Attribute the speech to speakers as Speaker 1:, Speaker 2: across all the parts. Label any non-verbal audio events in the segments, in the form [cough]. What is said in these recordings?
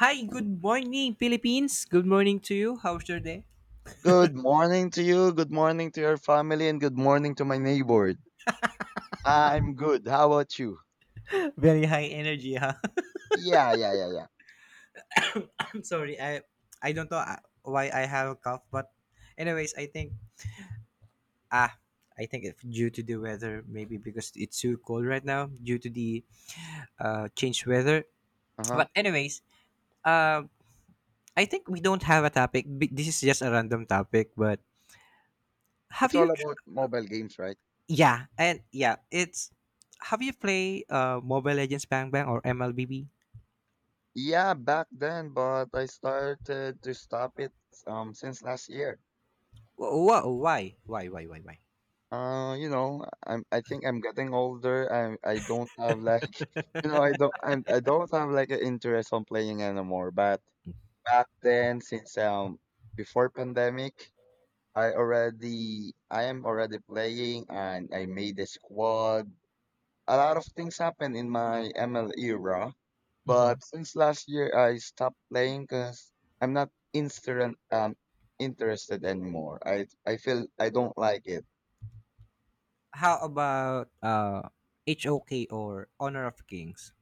Speaker 1: Hi, good morning, Philippines. Good morning to you. How's your day?
Speaker 2: Good morning to you, good morning to your family, and good morning to my neighbor. I'm good. How about you?
Speaker 1: [laughs] Very high energy, huh?
Speaker 2: Yeah, yeah, yeah, yeah.
Speaker 1: [laughs] I'm sorry. I don't know why I have a cough, but anyways, I think ah, I think if due to the weather, maybe because it's too cold right now due to the changed weather.
Speaker 2: Uh huh.
Speaker 1: But anyways, uh, I think we don't have a topic. This is just a random topic. But have
Speaker 2: It's
Speaker 1: you?
Speaker 2: all about mobile games, right?
Speaker 1: Yeah, and yeah, it's have you play Mobile Legends Bang Bang or MLBB?
Speaker 2: Yeah, back then, but I started to stop it since last year.
Speaker 1: Why? Why? Why? Why? Why?
Speaker 2: You know, I think I'm getting older. I don't have like [laughs] I don't have like an interest on playing anymore. But back then, since before pandemic. I am already playing and I made a squad. A lot of things happened in my ML era,
Speaker 1: Mhm.
Speaker 2: but since last year I stopped playing because I'm not instant interested anymore. I feel I don't like it.
Speaker 1: How about HOK or Honor of Kings?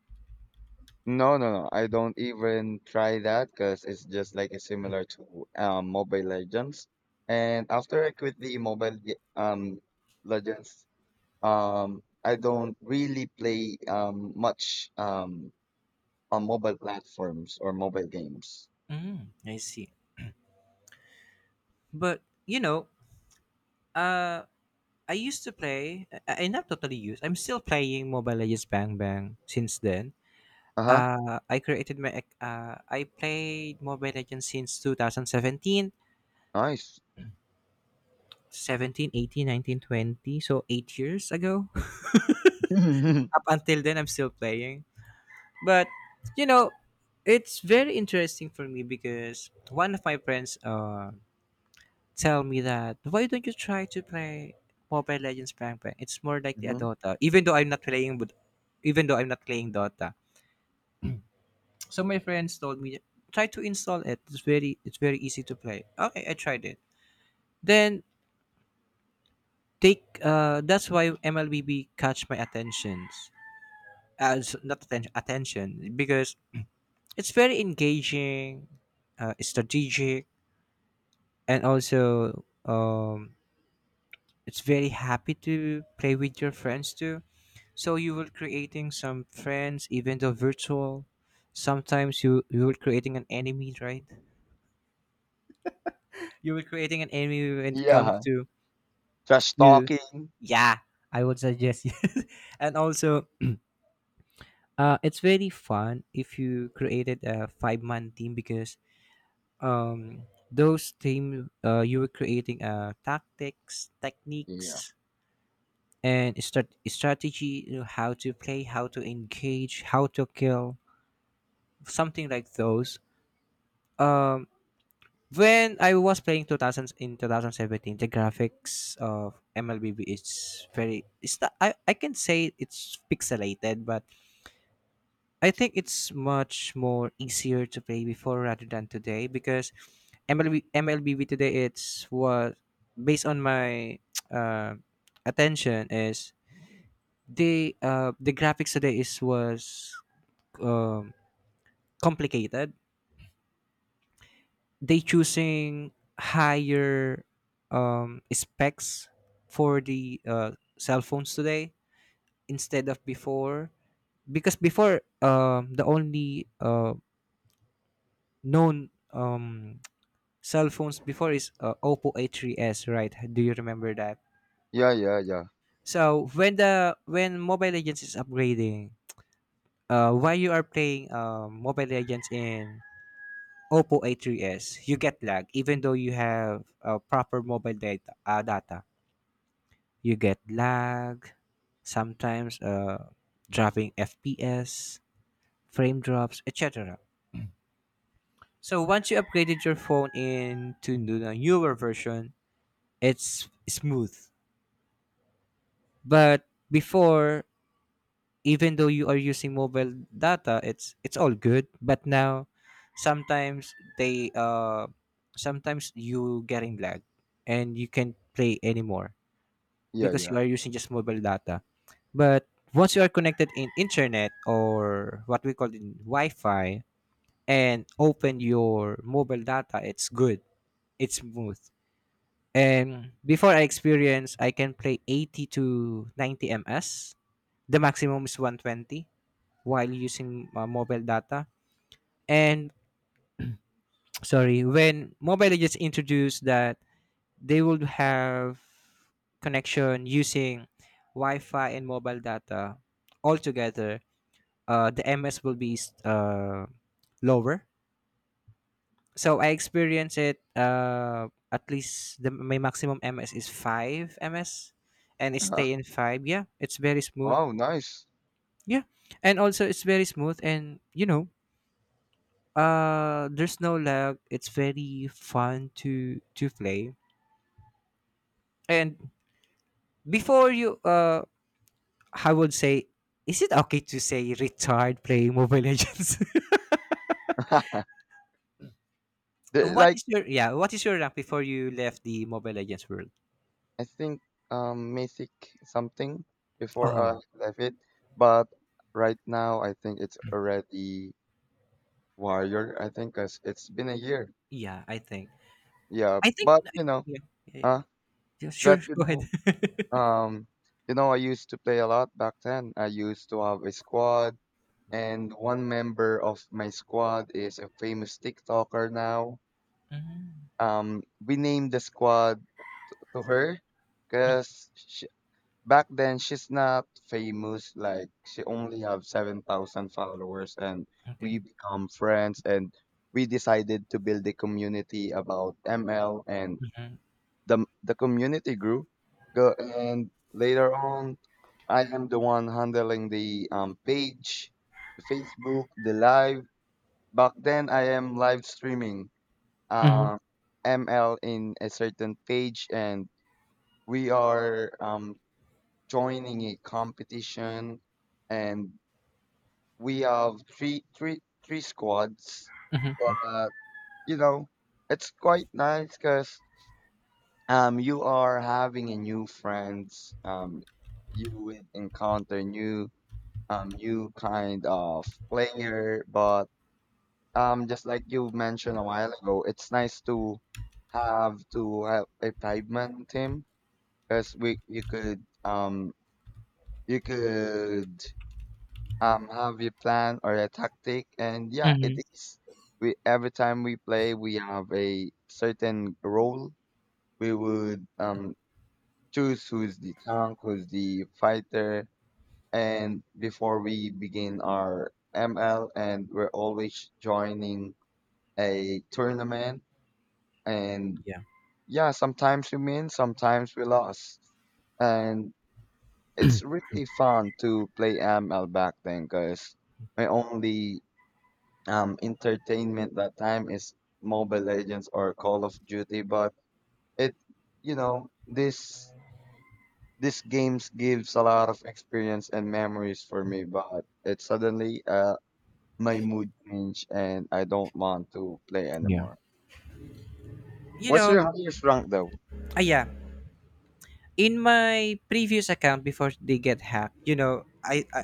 Speaker 2: No, no, no. I don't even try that because it's just like a similar to Mobile Legends. And after I quit the Mobile Legends. I don't really play much on mobile platforms or mobile games.
Speaker 1: Mm, I see. But you know, uh, I used to play. I not totally used. I'm still playing Mobile Legends Bang Bang since then.
Speaker 2: Uh-huh.
Speaker 1: I created my. I played Mobile Legends since 2017, 17,
Speaker 2: Nice.
Speaker 1: seventeen, 18, 19, 20. So 8 years ago. [laughs]
Speaker 2: [laughs]
Speaker 1: Up until then, I'm still playing. But you know, it's very interesting for me because one of my friends tell me that why don't you try to play Mobile Legends Prank bang? It's more likely a
Speaker 2: hmm
Speaker 1: Dota. Even though I'm not playing with even though I'm not playing Dota. So my friends told me try to install it. It's very easy to play. Okay, I tried it. Then take that's why MLBB catch my attentions. As not attention attention because it's very engaging, strategic and also it's very happy to play with your friends too, so you were creating some friends even though virtual, sometimes you were creating an enemy, right? You were creating an enemy when it comes
Speaker 2: Yeah.
Speaker 1: to
Speaker 2: Trash
Speaker 1: you.
Speaker 2: talking.
Speaker 1: Yeah, I would suggest you. [laughs] And also, it's very fun if you created a five-man team, because um those team you were creating tactics,
Speaker 2: Yeah.
Speaker 1: techniques and strategy, you know, how to play, how to engage, how to kill, something like those. um when I was playing 2000s, in 2017 the graphics of mlbb is very, it's not, I can say it's pixelated, but I think it's much more easier to play before rather than today because mlbb today it's what based on my [tsk] uh, attention is, they the graphics today is was um complicated. They choosing higher specs for the cell phones today, instead of before, because before the only known cell phones before is Oppo A3s, right? Do you remember that?
Speaker 2: Yeah, yeah, yeah.
Speaker 1: So when the when Mobile Legends is upgrading, why you are playing Mobile Legends in Oppo A3s, you get lag even though you have proper mobile data. Data, you get lag. Sometimes, dropping FPS, frame drops, etc. So once you upgraded your phone into the newer version, it's smooth. But before, even though you are using mobile data, it's all good, but now sometimes they sometimes you getting lag and you can't play anymore
Speaker 2: Yeah,
Speaker 1: because you
Speaker 2: yeah.
Speaker 1: are using just mobile data. But once you are connected in internet, or what we call in wi-fi, and open your mobile data, it's good, it's smooth. And before I experience I can play 80 to 90 ms, the maximum is 120 while using mobile data. And [tsk] sorry, when mobile legends introduced that they would have connection using Wi-Fi and mobile data altogether, the MS will be uh, lower. So I experience it at least the my maximum MS is five MS, and it
Speaker 2: Uh-huh.
Speaker 1: stay in five. Yeah, it's very smooth.
Speaker 2: Wow, nice.
Speaker 1: Yeah, and also it's very smooth, and you know there's no lag, it's very fun to play. And before you I would say, is it okay to say retired playing mobile legends? [laughs]
Speaker 2: [laughs]
Speaker 1: What
Speaker 2: Like
Speaker 1: is your, yeah, what is your rank before you left the mobile legends world?
Speaker 2: I think Mythic something before I
Speaker 1: Oh,
Speaker 2: left it, but right now I think it's already Warrior. I think 'cause it's been a year.
Speaker 1: yeah, I think,
Speaker 2: Yeah,
Speaker 1: I think yeah, yeah, yeah.
Speaker 2: uh,
Speaker 1: Yeah, sure,
Speaker 2: but
Speaker 1: go ahead. [laughs]
Speaker 2: Um, I used to play a lot back then. I used to have a squad, and one member of my squad is a famous TikToker now.
Speaker 1: Mhm,
Speaker 2: We named the squad to her because back then she's not famous. Like she only have 7,000 followers, and we
Speaker 1: okay.
Speaker 2: become friends, and we decided to build a community about ML and
Speaker 1: Mhm,
Speaker 2: the community grew, go, and later on, I am the one handling the page, the Facebook, the live. Back then, I am live streaming
Speaker 1: mhm,
Speaker 2: uh, ML in a certain page, and we are joining a competition, and we have three squads.
Speaker 1: mhm,
Speaker 2: But you know, it's quite nice because you are having a new friends. You will encounter new new kind of player. But just like you mentioned a while ago, it's nice to have a five-man team because we you could have a plan or a tactic. And yeah, it
Speaker 1: mhm.
Speaker 2: is. We Every time we play we have a certain role. We would choose who is the tank, who is the fighter. And before we begin our ML, and we're always joining a tournament. And
Speaker 1: Yeah,
Speaker 2: yeah, sometimes we win, sometimes we lost. And it's really fun to play ML back then because my only entertainment that time is Mobile Legends or Call of Duty. But it, you know, This games gives a lot of experience and memories for me, but it suddenly my mood changed and I don't want to play
Speaker 1: yeah,
Speaker 2: anymore.
Speaker 1: you
Speaker 2: What's
Speaker 1: know,
Speaker 2: your highest rank though?
Speaker 1: yeah, in my previous account before they get hacked, you know, I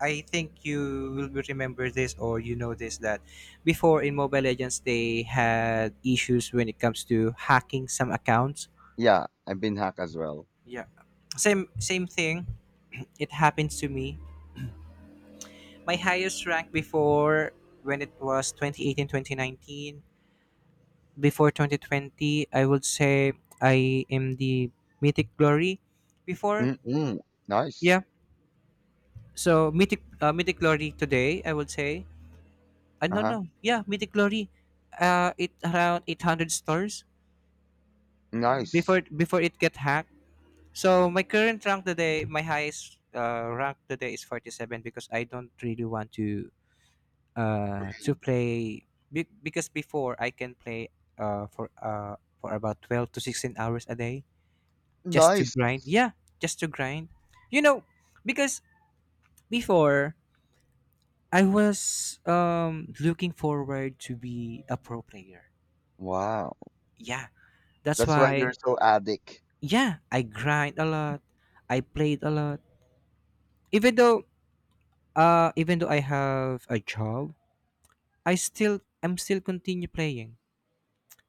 Speaker 1: i think you will remember this, or you know this, that before in mobile legends they had issues when it comes to hacking some accounts.
Speaker 2: Yeah, I've been hacked as well.
Speaker 1: Yeah, same same thing, it happens to me. My highest rank before, when it was 2018, 2019, before 2020, I would say I am the mythic glory before.
Speaker 2: Mm-mm.
Speaker 1: Yeah.
Speaker 2: Nice.
Speaker 1: So Mythic Mythic Glory today, I would say. No,
Speaker 2: Uh-huh.
Speaker 1: no, yeah, Mythic Glory. It around 800 stars
Speaker 2: Nice.
Speaker 1: before it get hacked. So my current rank today, my highest rank today is 47, because I don't really want to play, because before I can play for about 12 to 16 hours a day just to
Speaker 2: Nice.
Speaker 1: grind. Yeah, just to grind. You know, because before I was looking forward to be a pro player.
Speaker 2: Wow.
Speaker 1: Yeah, that's
Speaker 2: That's why
Speaker 1: why.
Speaker 2: you're so addict.
Speaker 1: Yeah, I grind a lot. I played a lot. Even though even though I have a job, I'm still continue playing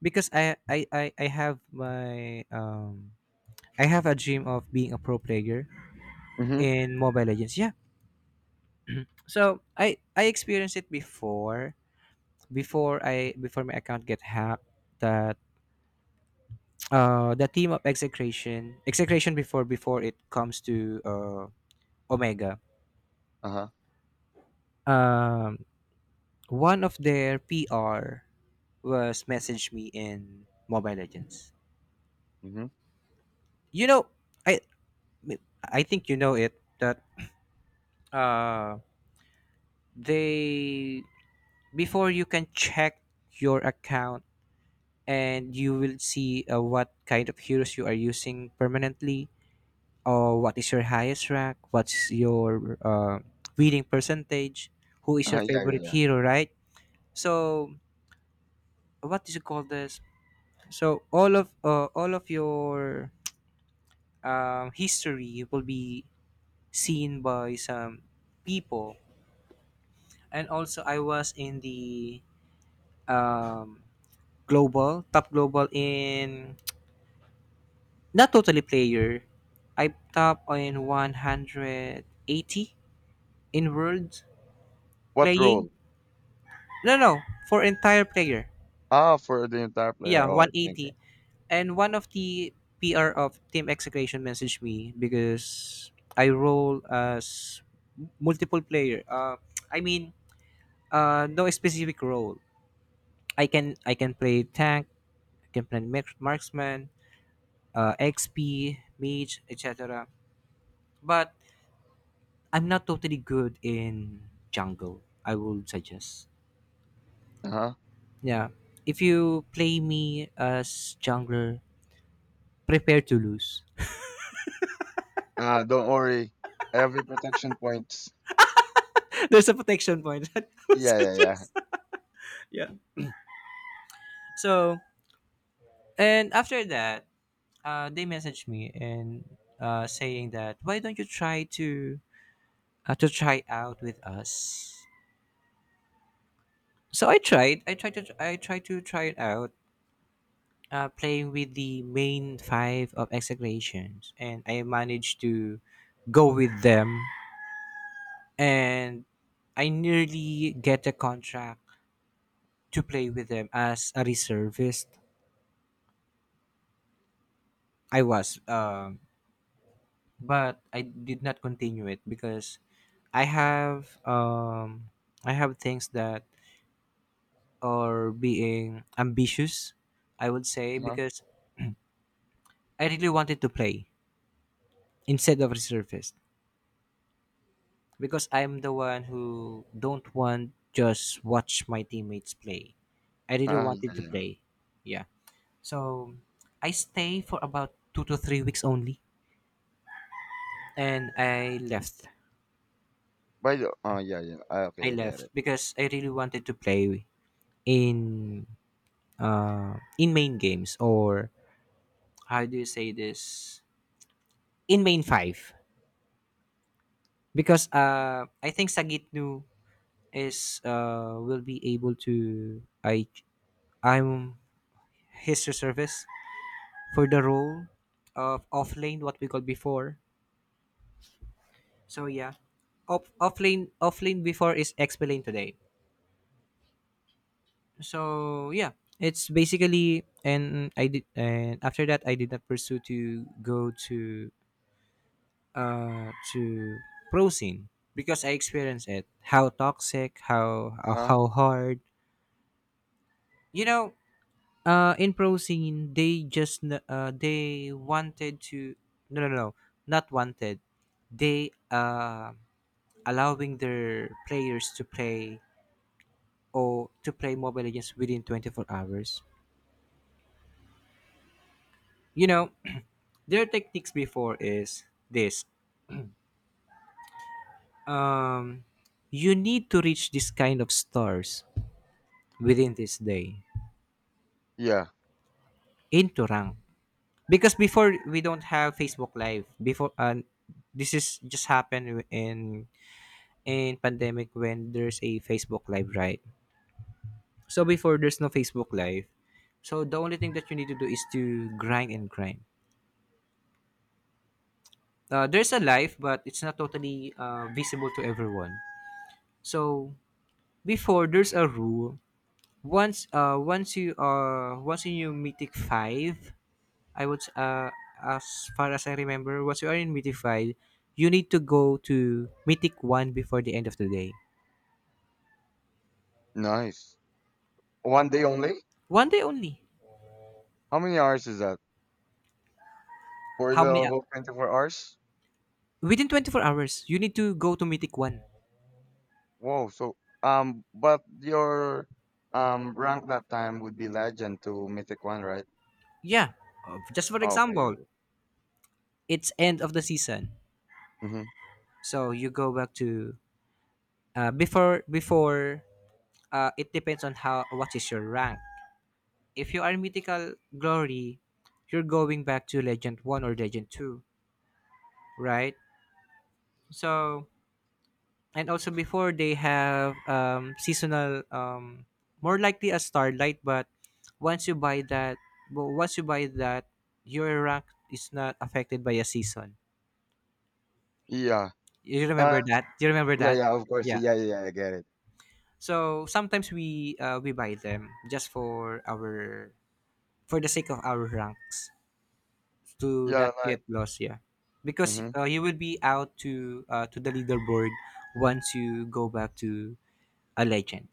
Speaker 1: because I have my I have a dream of being a pro player
Speaker 2: Mm-hmm.
Speaker 1: in Mobile Legends. Yeah. So I experienced it before, before I before my account get hacked, that the theme of execration before, before it comes to omega,
Speaker 2: Uh-huh.
Speaker 1: um one of their pr was messaged me in mobile legends.
Speaker 2: Mm-hmm.
Speaker 1: You know, i I think you know it that uh they, before you can check your account and you will see what kind of heroes you are using permanently, or what is your highest rank, what's your winning percentage, who is your
Speaker 2: Yeah, yeah,
Speaker 1: favorite
Speaker 2: yeah.
Speaker 1: hero, right? So what is it called this, so all of your history will be seen by some people. And also I was in the um, global top, global, in not totally player, I top in 180 in world
Speaker 2: What
Speaker 1: playing.
Speaker 2: role?
Speaker 1: No, no, for entire player.
Speaker 2: Ah, for the entire
Speaker 1: Yeah,
Speaker 2: player. Oh, I think.
Speaker 1: 180. And one of the PR of Team Execution messaged me because I role as multiple player. I mean, no specific role. I can play tank, I can play marksman, XP, mage, etc. But I'm not totally good in jungle, I would suggest.
Speaker 2: Uh-huh.
Speaker 1: Yeah, if you play me as jungler, prepare to lose.
Speaker 2: Ah, don't worry. Every protection points.
Speaker 1: [laughs] There's a protection point. [laughs] So
Speaker 2: Yeah, yeah, yeah.
Speaker 1: just- yeah. So and after that, they messaged me and saying that why don't you try to try out with us? So I tried. I tried to. I tried to try it out. Playing with the main five of execrations, and I managed to go with them, and I nearly get a contract to play with them as a reservist. I was but I did not continue it because I have um I have things that are being ambitious, I would say,
Speaker 2: Uh-huh.
Speaker 1: because I really wanted to play instead of resurfaced. Because I'm the one who don't want just watch my teammates play. I really
Speaker 2: Ah,
Speaker 1: wanted
Speaker 2: yeah,
Speaker 1: to
Speaker 2: yeah.
Speaker 1: play. Yeah. So I stay for about 2 to 3 weeks only. And I left.
Speaker 2: By the oh yeah, yeah. Ah,
Speaker 1: I
Speaker 2: okay, I get
Speaker 1: left
Speaker 2: it.
Speaker 1: because I really wanted to play in in main games, or how do you say this, in main five, because I think Sagitnu is will be able to, I'm his reservist for the role of offlane, what we called before. So yeah, offlane, offlane before is explained today. So yeah, it's basically and I did, and after that I did not pursue to go to prosin, because I experienced it. How toxic,
Speaker 2: Uh-huh.
Speaker 1: how hard. You know, in prosin they just they wanted to, no no no, not wanted. They allowing their players to play, or to play Mobile Legends within 24 hours. You know, [clears throat] their techniques before is this. Um, you need to reach this kind of stars within this day,
Speaker 2: Yeah.
Speaker 1: into rank. Because before we don't have Facebook Live. Before this is just happened in pandemic when there's a Facebook Live, right? So before there's no Facebook Live, so the only thing that you need to do is to grind and grind. There's a live, but it's not totally visible to everyone. So before there's a rule. Once once you once in you mythic five, I would uh, as far as I remember, once you are in mythic five, you need to go to mythic one before the end of the day.
Speaker 2: Nice. One day only?
Speaker 1: One day only.
Speaker 2: How many hours is that? For
Speaker 1: How many?
Speaker 2: the whole 24 hours?
Speaker 1: Within 24 hours, you need to go to mythic one.
Speaker 2: Whoa, so but your rank that time would be legend to mythic one, right?
Speaker 1: Yeah. Just for
Speaker 2: Okay,
Speaker 1: example,
Speaker 2: okay.
Speaker 1: it's end of the season,
Speaker 2: Mm-hmm.
Speaker 1: so you go back to before before. It depends on how what is your rank. If you are mythical glory, you're going back to Legend 1 or Legend 2, right? So, and also before they have seasonal, more likely a starlight, but once you buy that, once you buy that, your rank is not affected by a season.
Speaker 2: Yeah.
Speaker 1: You
Speaker 2: Uh
Speaker 1: remember that? You remember
Speaker 2: yeah,
Speaker 1: that?
Speaker 2: yeah, of course.
Speaker 1: Yeah.
Speaker 2: Yeah, yeah, yeah, I get it.
Speaker 1: So sometimes we buy them just for our for the sake of our ranks, to
Speaker 2: Yeah,
Speaker 1: not
Speaker 2: like
Speaker 1: get lost, yeah, because
Speaker 2: mm-hmm.
Speaker 1: you will be out to the leaderboard once you go back to a legend,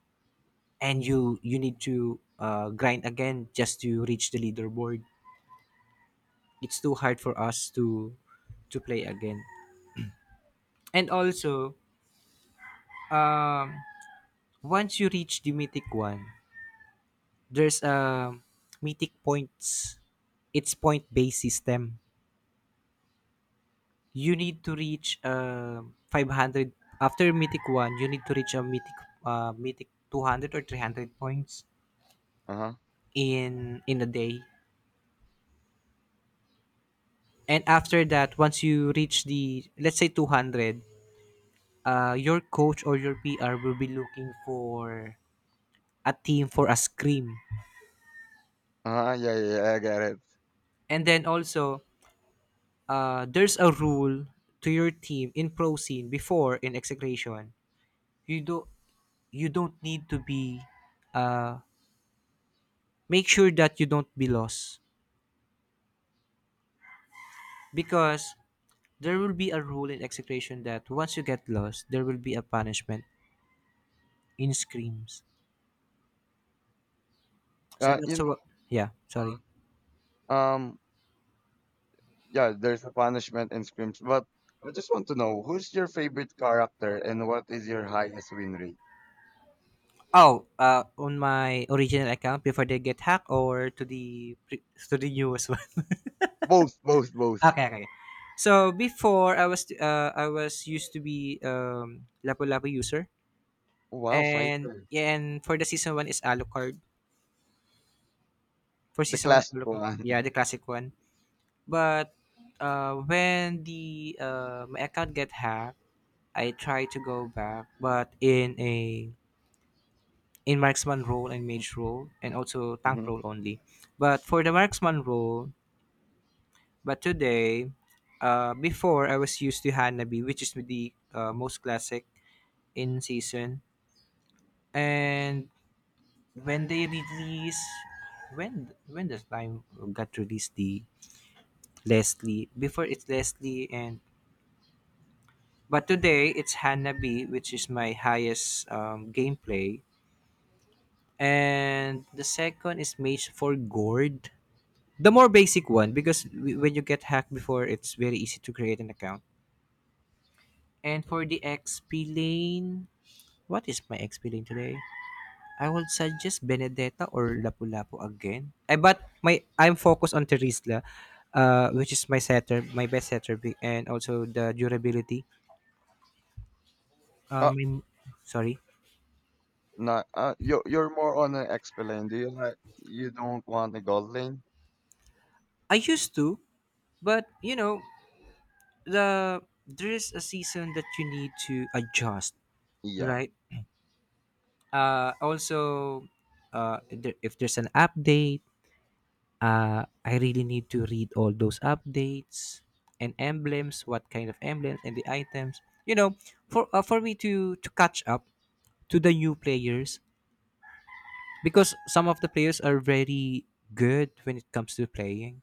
Speaker 1: and you need to grind again just to reach the leaderboard. It's too hard for us to play again. And also, um once you reach the mythic one, there's a mythic points, it's point based system. You need to reach 500. After mythic 1 you need to reach a mythic mythic 200 or 300 points
Speaker 2: Uh-huh.
Speaker 1: in a day. And after that, once you reach the, let's say, 200, your coach or your pr will be looking for a team for a scream.
Speaker 2: Uh-huh, yeah, yeah, yeah, I get it.
Speaker 1: And then also, there's a rule to your team in pro scene before in execration. You do, you don't need to be uh make sure that you don't be lost. Because there will be a rule in execution that once you get lost, there will be a punishment in screams. So
Speaker 2: Uh you
Speaker 1: that's
Speaker 2: know,
Speaker 1: what. Yeah, sorry.
Speaker 2: uh, um yeah, there's a punishment and scrims. But I just want to know who's your favorite character and what is your highest win rate?
Speaker 1: Oh, on my original account before they get hacked, or to the to the newest one.
Speaker 2: Both, both,
Speaker 1: [laughs]
Speaker 2: both.
Speaker 1: Okay, okay, okay. So before I was used to be Lapu Lapu user,
Speaker 2: Wow,
Speaker 1: and
Speaker 2: fighter.
Speaker 1: yeah, and for the season one is Alucard. For
Speaker 2: The
Speaker 1: season one,
Speaker 2: classic
Speaker 1: Alucard. Yeah,
Speaker 2: one.
Speaker 1: the classic one. But when the my account get hacked, I try to go back, but in marksman role and mage role, and also
Speaker 2: [laughs]
Speaker 1: tank
Speaker 2: hmm
Speaker 1: role only. But for the marksman role, but today, before I was used to Hanabi, which is the most classic in season. And when they release, when the time got released the Leslie, before it's Leslie, and but today it's Hanabi, which is my highest gameplay, and the second is Mage for Gourd. The more basic one because when you get hacked before, it's very easy to create an account. And for the XP lane, what is my XP lane today? I will suggest Benedetta or Lapu-Lapu again. I but my I'm focused on Terisla, which is my setter, my best setter, and also the durability.
Speaker 2: Oh,
Speaker 1: Um, sorry,
Speaker 2: no. You're more on an XP lane. Do you like? You don't want a gold lane?
Speaker 1: I used to, but you know the there is a season that you need to adjust,
Speaker 2: Yeah.
Speaker 1: right? Also, if if there's an update, I really need to read all those updates, and emblems, what kind of emblems, and the items, you know, for me to catch up to the new players, because some of the players are very good when it comes to playing,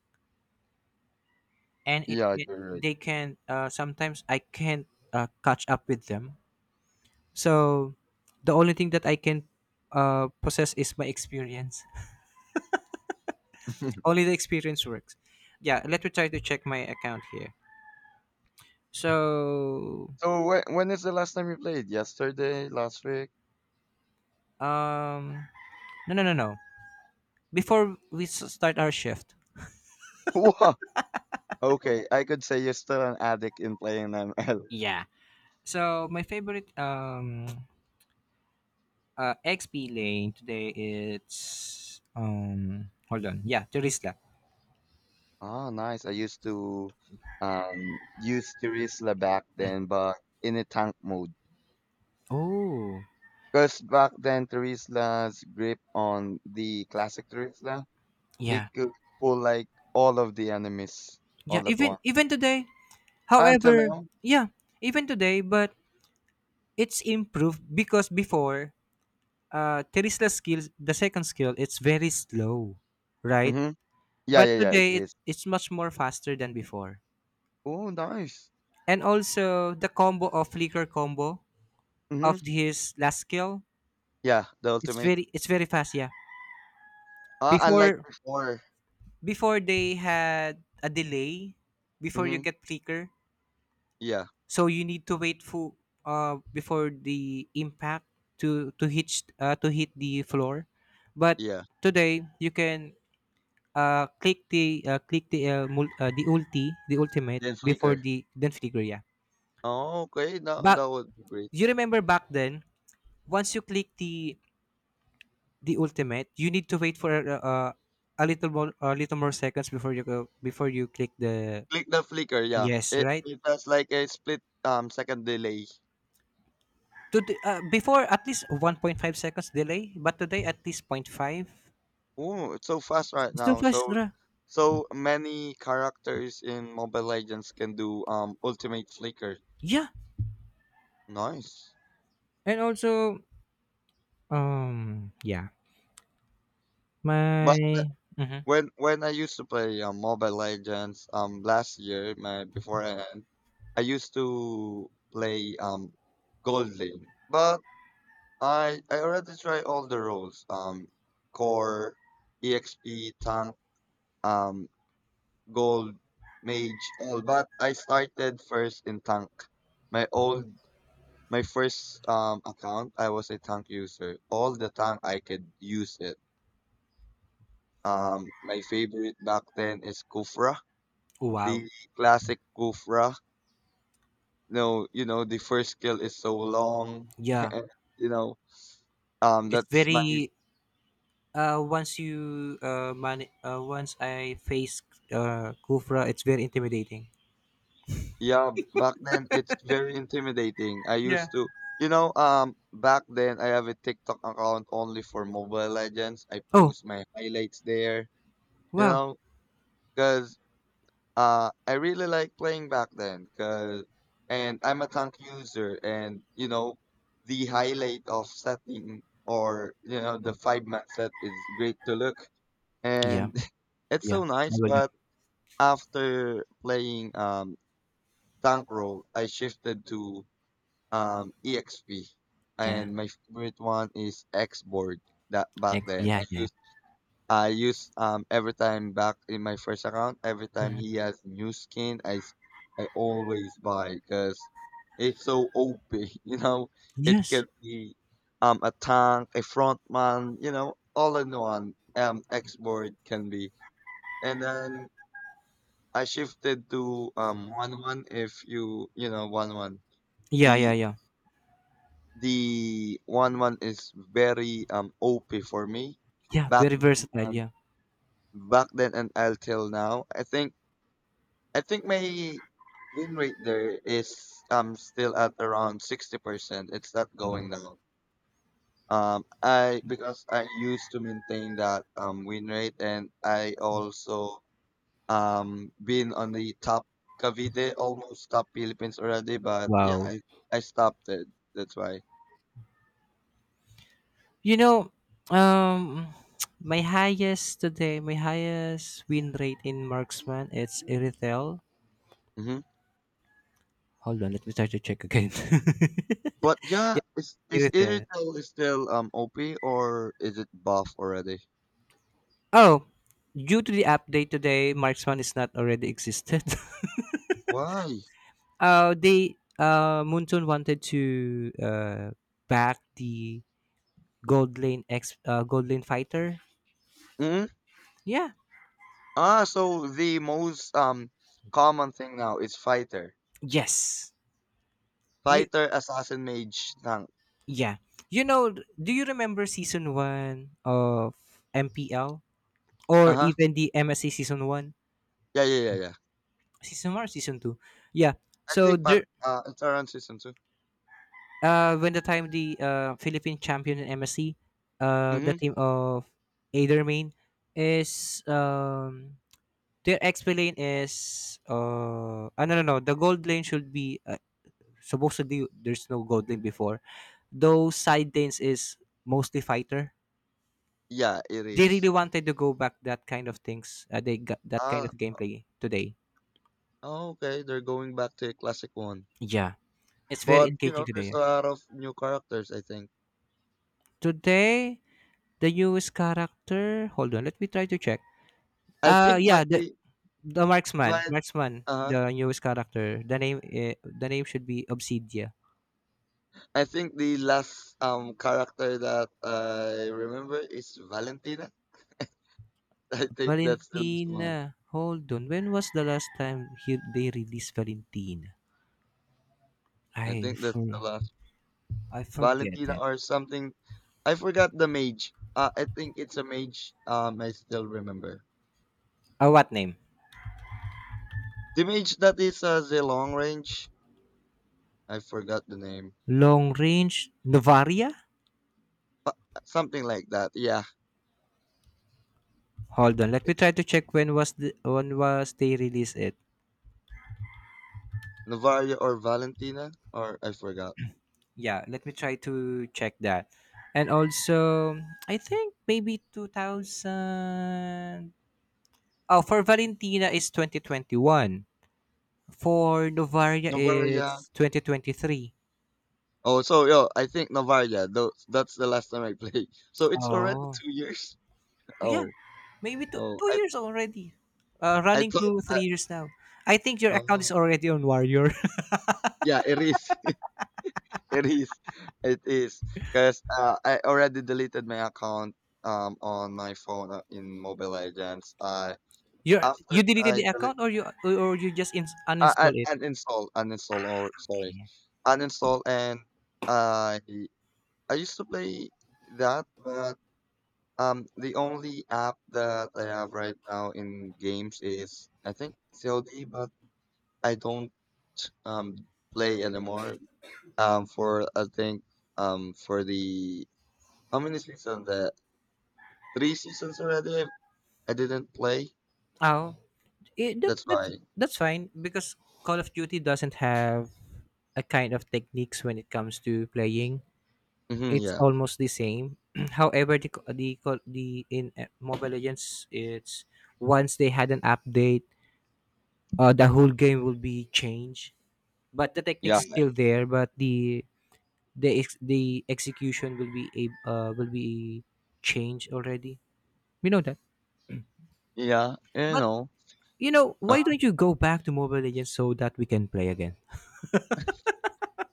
Speaker 1: and it,
Speaker 2: Yeah,
Speaker 1: it
Speaker 2: you're right.
Speaker 1: they can sometimes I can't catch up with them. So the only thing that I can possess is my experience. Only
Speaker 2: [laughs]
Speaker 1: the experience works. Yeah, let me try to check my account here. So,
Speaker 2: So when is the last time you played? Yesterday, last week?
Speaker 1: um, no, no, no, no. Before we start our shift,
Speaker 2: [laughs] Wow. Okay, I could say you're still an addict in playing ML. [laughs]
Speaker 1: yeah. So my favorite XP lane today it's hold on yeah Terisla.
Speaker 2: Oh, nice. I used to use Terisla back then, but in a tank mode.
Speaker 1: Oh
Speaker 2: Because back then Terisla's grip on the classic Terisla, it
Speaker 1: yeah,
Speaker 2: could pull like all of the enemies
Speaker 1: yeah,
Speaker 2: all at
Speaker 1: even
Speaker 2: once.
Speaker 1: even today.
Speaker 2: Until
Speaker 1: However,
Speaker 2: now.
Speaker 1: yeah, even today, but it's improved because before, Terisla skill, the second skill, it's very slow, right?
Speaker 2: Mm-hmm. Yeah,
Speaker 1: But
Speaker 2: yeah, yeah, it
Speaker 1: today
Speaker 2: is.
Speaker 1: it's much more faster than before.
Speaker 2: Oh, nice.
Speaker 1: And also the combo of flicker combo of
Speaker 2: Mm-hmm.
Speaker 1: his last skill,
Speaker 2: Yeah, the
Speaker 1: it's
Speaker 2: ultimate.
Speaker 1: very, it's very fast, yeah.
Speaker 2: Unlike
Speaker 1: Before,
Speaker 2: before.
Speaker 1: before they had a delay before you
Speaker 2: Mm-hmm.
Speaker 1: get flicker.
Speaker 2: Yeah,
Speaker 1: So you need to wait for before the impact to hit the floor. But
Speaker 2: yeah.
Speaker 1: today you can click the click the ulti, the ultimate,
Speaker 2: Then
Speaker 1: before
Speaker 2: Flicker.
Speaker 1: the, then flicker, yeah.
Speaker 2: Oh, okay. That,
Speaker 1: But
Speaker 2: that would be great.
Speaker 1: you remember back then, once you click the ultimate, you need to wait for a little more, a little more seconds before you go, before you click the,
Speaker 2: Click the flicker, yeah.
Speaker 1: yes,
Speaker 2: It
Speaker 1: right?
Speaker 2: it has like a split second delay.
Speaker 1: Before, at least 1.5 seconds delay, but today at least 0 0.5.
Speaker 2: Ooh, it's so fast right
Speaker 1: It's too
Speaker 2: now.
Speaker 1: fast,
Speaker 2: So
Speaker 1: bruh.
Speaker 2: so many characters in Mobile Legends can do ultimate flicker.
Speaker 1: Yeah.
Speaker 2: Nice.
Speaker 1: And also yeah.
Speaker 2: But th-
Speaker 1: My. Mhm.
Speaker 2: when when I used to play Mobile Legends last year, my before I end, I used to play gold lane. But I already tried all the roles. Core, EXP, tank, um gold, mage, all. But I started first in tank. My old, my first account, I was a tank user. All the tank I could use it. My favorite back then is Kufra,
Speaker 1: Wow.
Speaker 2: the classic Kufra. No, you know the first skill is so long.
Speaker 1: Yeah.
Speaker 2: [laughs] you know,
Speaker 1: It's
Speaker 2: that's my.
Speaker 1: very once you once I face Kufra, it's very intimidating.
Speaker 2: Yeah, back then it's very intimidating. I
Speaker 1: Yeah.
Speaker 2: used to, you know, Back then I have a TikTok account only for Mobile Legends. I
Speaker 1: Oh,
Speaker 2: post my highlights there, you
Speaker 1: wow.
Speaker 2: know, because I really like playing back then. Cause, and I'm a tank user, and the highlight of setting or you know the five match set is great to look,
Speaker 1: Yeah,
Speaker 2: and [laughs] it's
Speaker 1: yeah.
Speaker 2: so
Speaker 1: I
Speaker 2: nice.
Speaker 1: will look.
Speaker 2: But after playing tank role, I shifted to EXP,
Speaker 1: Yeah.
Speaker 2: and my favorite one is Xboard. That back then
Speaker 1: Yeah,
Speaker 2: I
Speaker 1: yeah.
Speaker 2: use I use um every time back in my first account. Every time
Speaker 1: Mhm.
Speaker 2: he has new skin, I always buy because it's so OP. [laughs] You know, it
Speaker 1: Yes.
Speaker 2: can be a tank, a frontman. You know, all in one. Xboard can be, and then I shifted to one one if you know one one.
Speaker 1: Yeah, yeah,
Speaker 2: the.
Speaker 1: yeah.
Speaker 2: The one one is very OP for me
Speaker 1: Yeah,
Speaker 2: back
Speaker 1: very
Speaker 2: then
Speaker 1: versatile,
Speaker 2: and
Speaker 1: yeah.
Speaker 2: back then and until now. I think. I think my win rate there is still at around 60%. It's not going
Speaker 1: Wow.
Speaker 2: down. I because I used to maintain that win rate and I also been on the top Cavite, almost top Philippines already, but yeah,
Speaker 1: Wow.
Speaker 2: I stopped it. That's why.
Speaker 1: You know, um [tsk] my highest today, my highest win rate in marksman, it's Irithel.
Speaker 2: Mhm.
Speaker 1: Hold on, let me try to check again.
Speaker 2: But
Speaker 1: [laughs]
Speaker 2: yeah,
Speaker 1: Yeah,
Speaker 2: is
Speaker 1: Irithel.
Speaker 2: Irithel still OP or is it buff already?
Speaker 1: Oh, due to the update today, marksman is not already existed. [laughs]
Speaker 2: Why?
Speaker 1: They Moonton wanted to back the Gold Lane Fighter.
Speaker 2: Hmm
Speaker 1: Yeah.
Speaker 2: Ah, so the most common thing now is fighter,
Speaker 1: Yes. You.
Speaker 2: fighter, assassin, mage, tank.
Speaker 1: Yeah. You know, do you remember season one of MPL
Speaker 2: Uh
Speaker 1: or
Speaker 2: huh.
Speaker 1: even the MSC
Speaker 2: Yeah, yeah, yeah, yeah.
Speaker 1: season one, or season two? Yeah.
Speaker 2: I
Speaker 1: So
Speaker 2: think par
Speaker 1: there.
Speaker 2: it's around season two.
Speaker 1: When the time the Philippine champion in MSC, the
Speaker 2: Mm-hmm.
Speaker 1: team of Adermain is their XP lane is I no, no, no, the gold lane should be supposedly there's no gold lane before. Those side lanes is mostly fighter.
Speaker 2: Yeah, it
Speaker 1: They really
Speaker 2: is.
Speaker 1: wanted to go back that kind of things. They got that kind of
Speaker 2: Ah,
Speaker 1: gameplay today.
Speaker 2: oh, okay. They're going back to a classic one,
Speaker 1: Yeah, it's very
Speaker 2: but you
Speaker 1: engaging
Speaker 2: know,
Speaker 1: today,
Speaker 2: there's
Speaker 1: yeah.
Speaker 2: a lot of new characters. I think.
Speaker 1: Today, the newest character. Hold on, let me try to check.
Speaker 2: I think
Speaker 1: Yeah, the
Speaker 2: my
Speaker 1: marksman,
Speaker 2: uh
Speaker 1: the newest character. The name should be Obsidia.
Speaker 2: the last character that I remember is Valentina. [laughs] I think that's the last one.
Speaker 1: Valentina. Hold on, when was the last time he they released Valentina?
Speaker 2: I
Speaker 1: I
Speaker 2: think that's the
Speaker 1: for
Speaker 2: last
Speaker 1: I forget
Speaker 2: Valentina
Speaker 1: it.
Speaker 2: or something. I forgot the mage. I think it's a mage. I still remember
Speaker 1: What name?
Speaker 2: the mage that is the long range. I forgot the name.
Speaker 1: Long Range Novaria?
Speaker 2: But something like that. Yeah,
Speaker 1: Hold on, let me
Speaker 2: it's
Speaker 1: try to check when was they released it.
Speaker 2: Novaria or Valentina or I forgot.
Speaker 1: Yeah, let me try to check that. And also, I think maybe 2000. Oh, for Valentina is 2021. For Novaria
Speaker 2: Novaria.
Speaker 1: it's 2023.
Speaker 2: Oh, so yo, I think Novaria. That's the last time I played. [laughs] So it's already
Speaker 1: Oh.
Speaker 2: 2 years.
Speaker 1: Yeah,
Speaker 2: Oh,
Speaker 1: maybe
Speaker 2: oh,
Speaker 1: two
Speaker 2: I
Speaker 1: years already.
Speaker 2: I
Speaker 1: Running
Speaker 2: thought,
Speaker 1: to
Speaker 2: uh,
Speaker 1: 3 years now. I think your account is
Speaker 2: oh,
Speaker 1: already on Warrior.
Speaker 2: yeah, it is, [laughs] it is, it is, because I already deleted my account on my phone in Mobile Legends. I
Speaker 1: You you
Speaker 2: after
Speaker 1: deleted the
Speaker 2: I delete,
Speaker 1: account or you just ins
Speaker 2: I,
Speaker 1: uninstall it?
Speaker 2: I uninstall, uninstall, or sorry, uninstall, and I I used to play that, but the only app that I have right now in games is I think COD, but I don't um play anymore. For, I think, for the how many seasons? The 3 seasons already. I didn't play.
Speaker 1: Oh, it, that,
Speaker 2: That's
Speaker 1: that
Speaker 2: why.
Speaker 1: that's fine because Call of Duty doesn't have a kind of techniques when it comes to playing. It's
Speaker 2: Yeah,
Speaker 1: almost the same. [clears throat] However, the co- the co- the in Mobile Legends, it's once they had an update, the whole game will be changed. But the technique
Speaker 2: yeah,
Speaker 1: is still there, but the execution will be a will be changed already. We know that.
Speaker 2: yeah. You
Speaker 1: But
Speaker 2: know.
Speaker 1: you know,
Speaker 2: Uh,
Speaker 1: why don't you go back to Mobile Legends so that we can play again?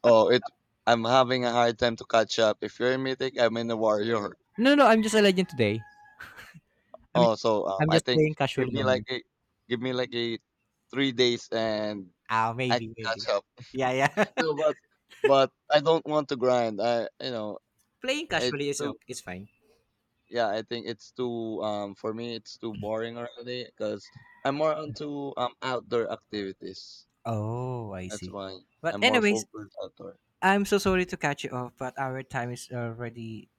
Speaker 2: oh, it. I'm having a hard time to catch up. If you're in mythic, I'm in the warrior.
Speaker 1: No, no, no, I'm just a legend today. I'm,
Speaker 2: Oh, so
Speaker 1: I'm
Speaker 2: I
Speaker 1: just
Speaker 2: think
Speaker 1: playing
Speaker 2: give
Speaker 1: casually
Speaker 2: me like
Speaker 1: only.
Speaker 2: a give me like a 3 days and
Speaker 1: Ah,
Speaker 2: I can
Speaker 1: maybe,
Speaker 2: catch
Speaker 1: maybe.
Speaker 2: up.
Speaker 1: Yeah, yeah.
Speaker 2: No, but I don't want to grind. I,
Speaker 1: [laughs] Playing
Speaker 2: it's
Speaker 1: casually is
Speaker 2: too.
Speaker 1: okay. It's fine.
Speaker 2: Yeah, I think it's too for me it's too boring already because I'm more onto outdoor activities.
Speaker 1: Oh, I
Speaker 2: That's
Speaker 1: see.
Speaker 2: why
Speaker 1: But
Speaker 2: I'm more
Speaker 1: anyways,
Speaker 2: focused outdoor.
Speaker 1: I'm so sorry to catch you off, but our time is already,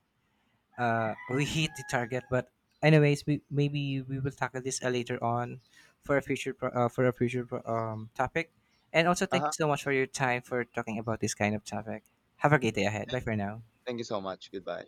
Speaker 1: [laughs] we hit the target. But anyways, we maybe we will tackle this later on for a for a future topic. And also,
Speaker 2: Uh
Speaker 1: thank you
Speaker 2: huh.
Speaker 1: so much for your time for talking about this kind of topic. Have a great day ahead. Bye for now.
Speaker 2: Thank you so much. Goodbye.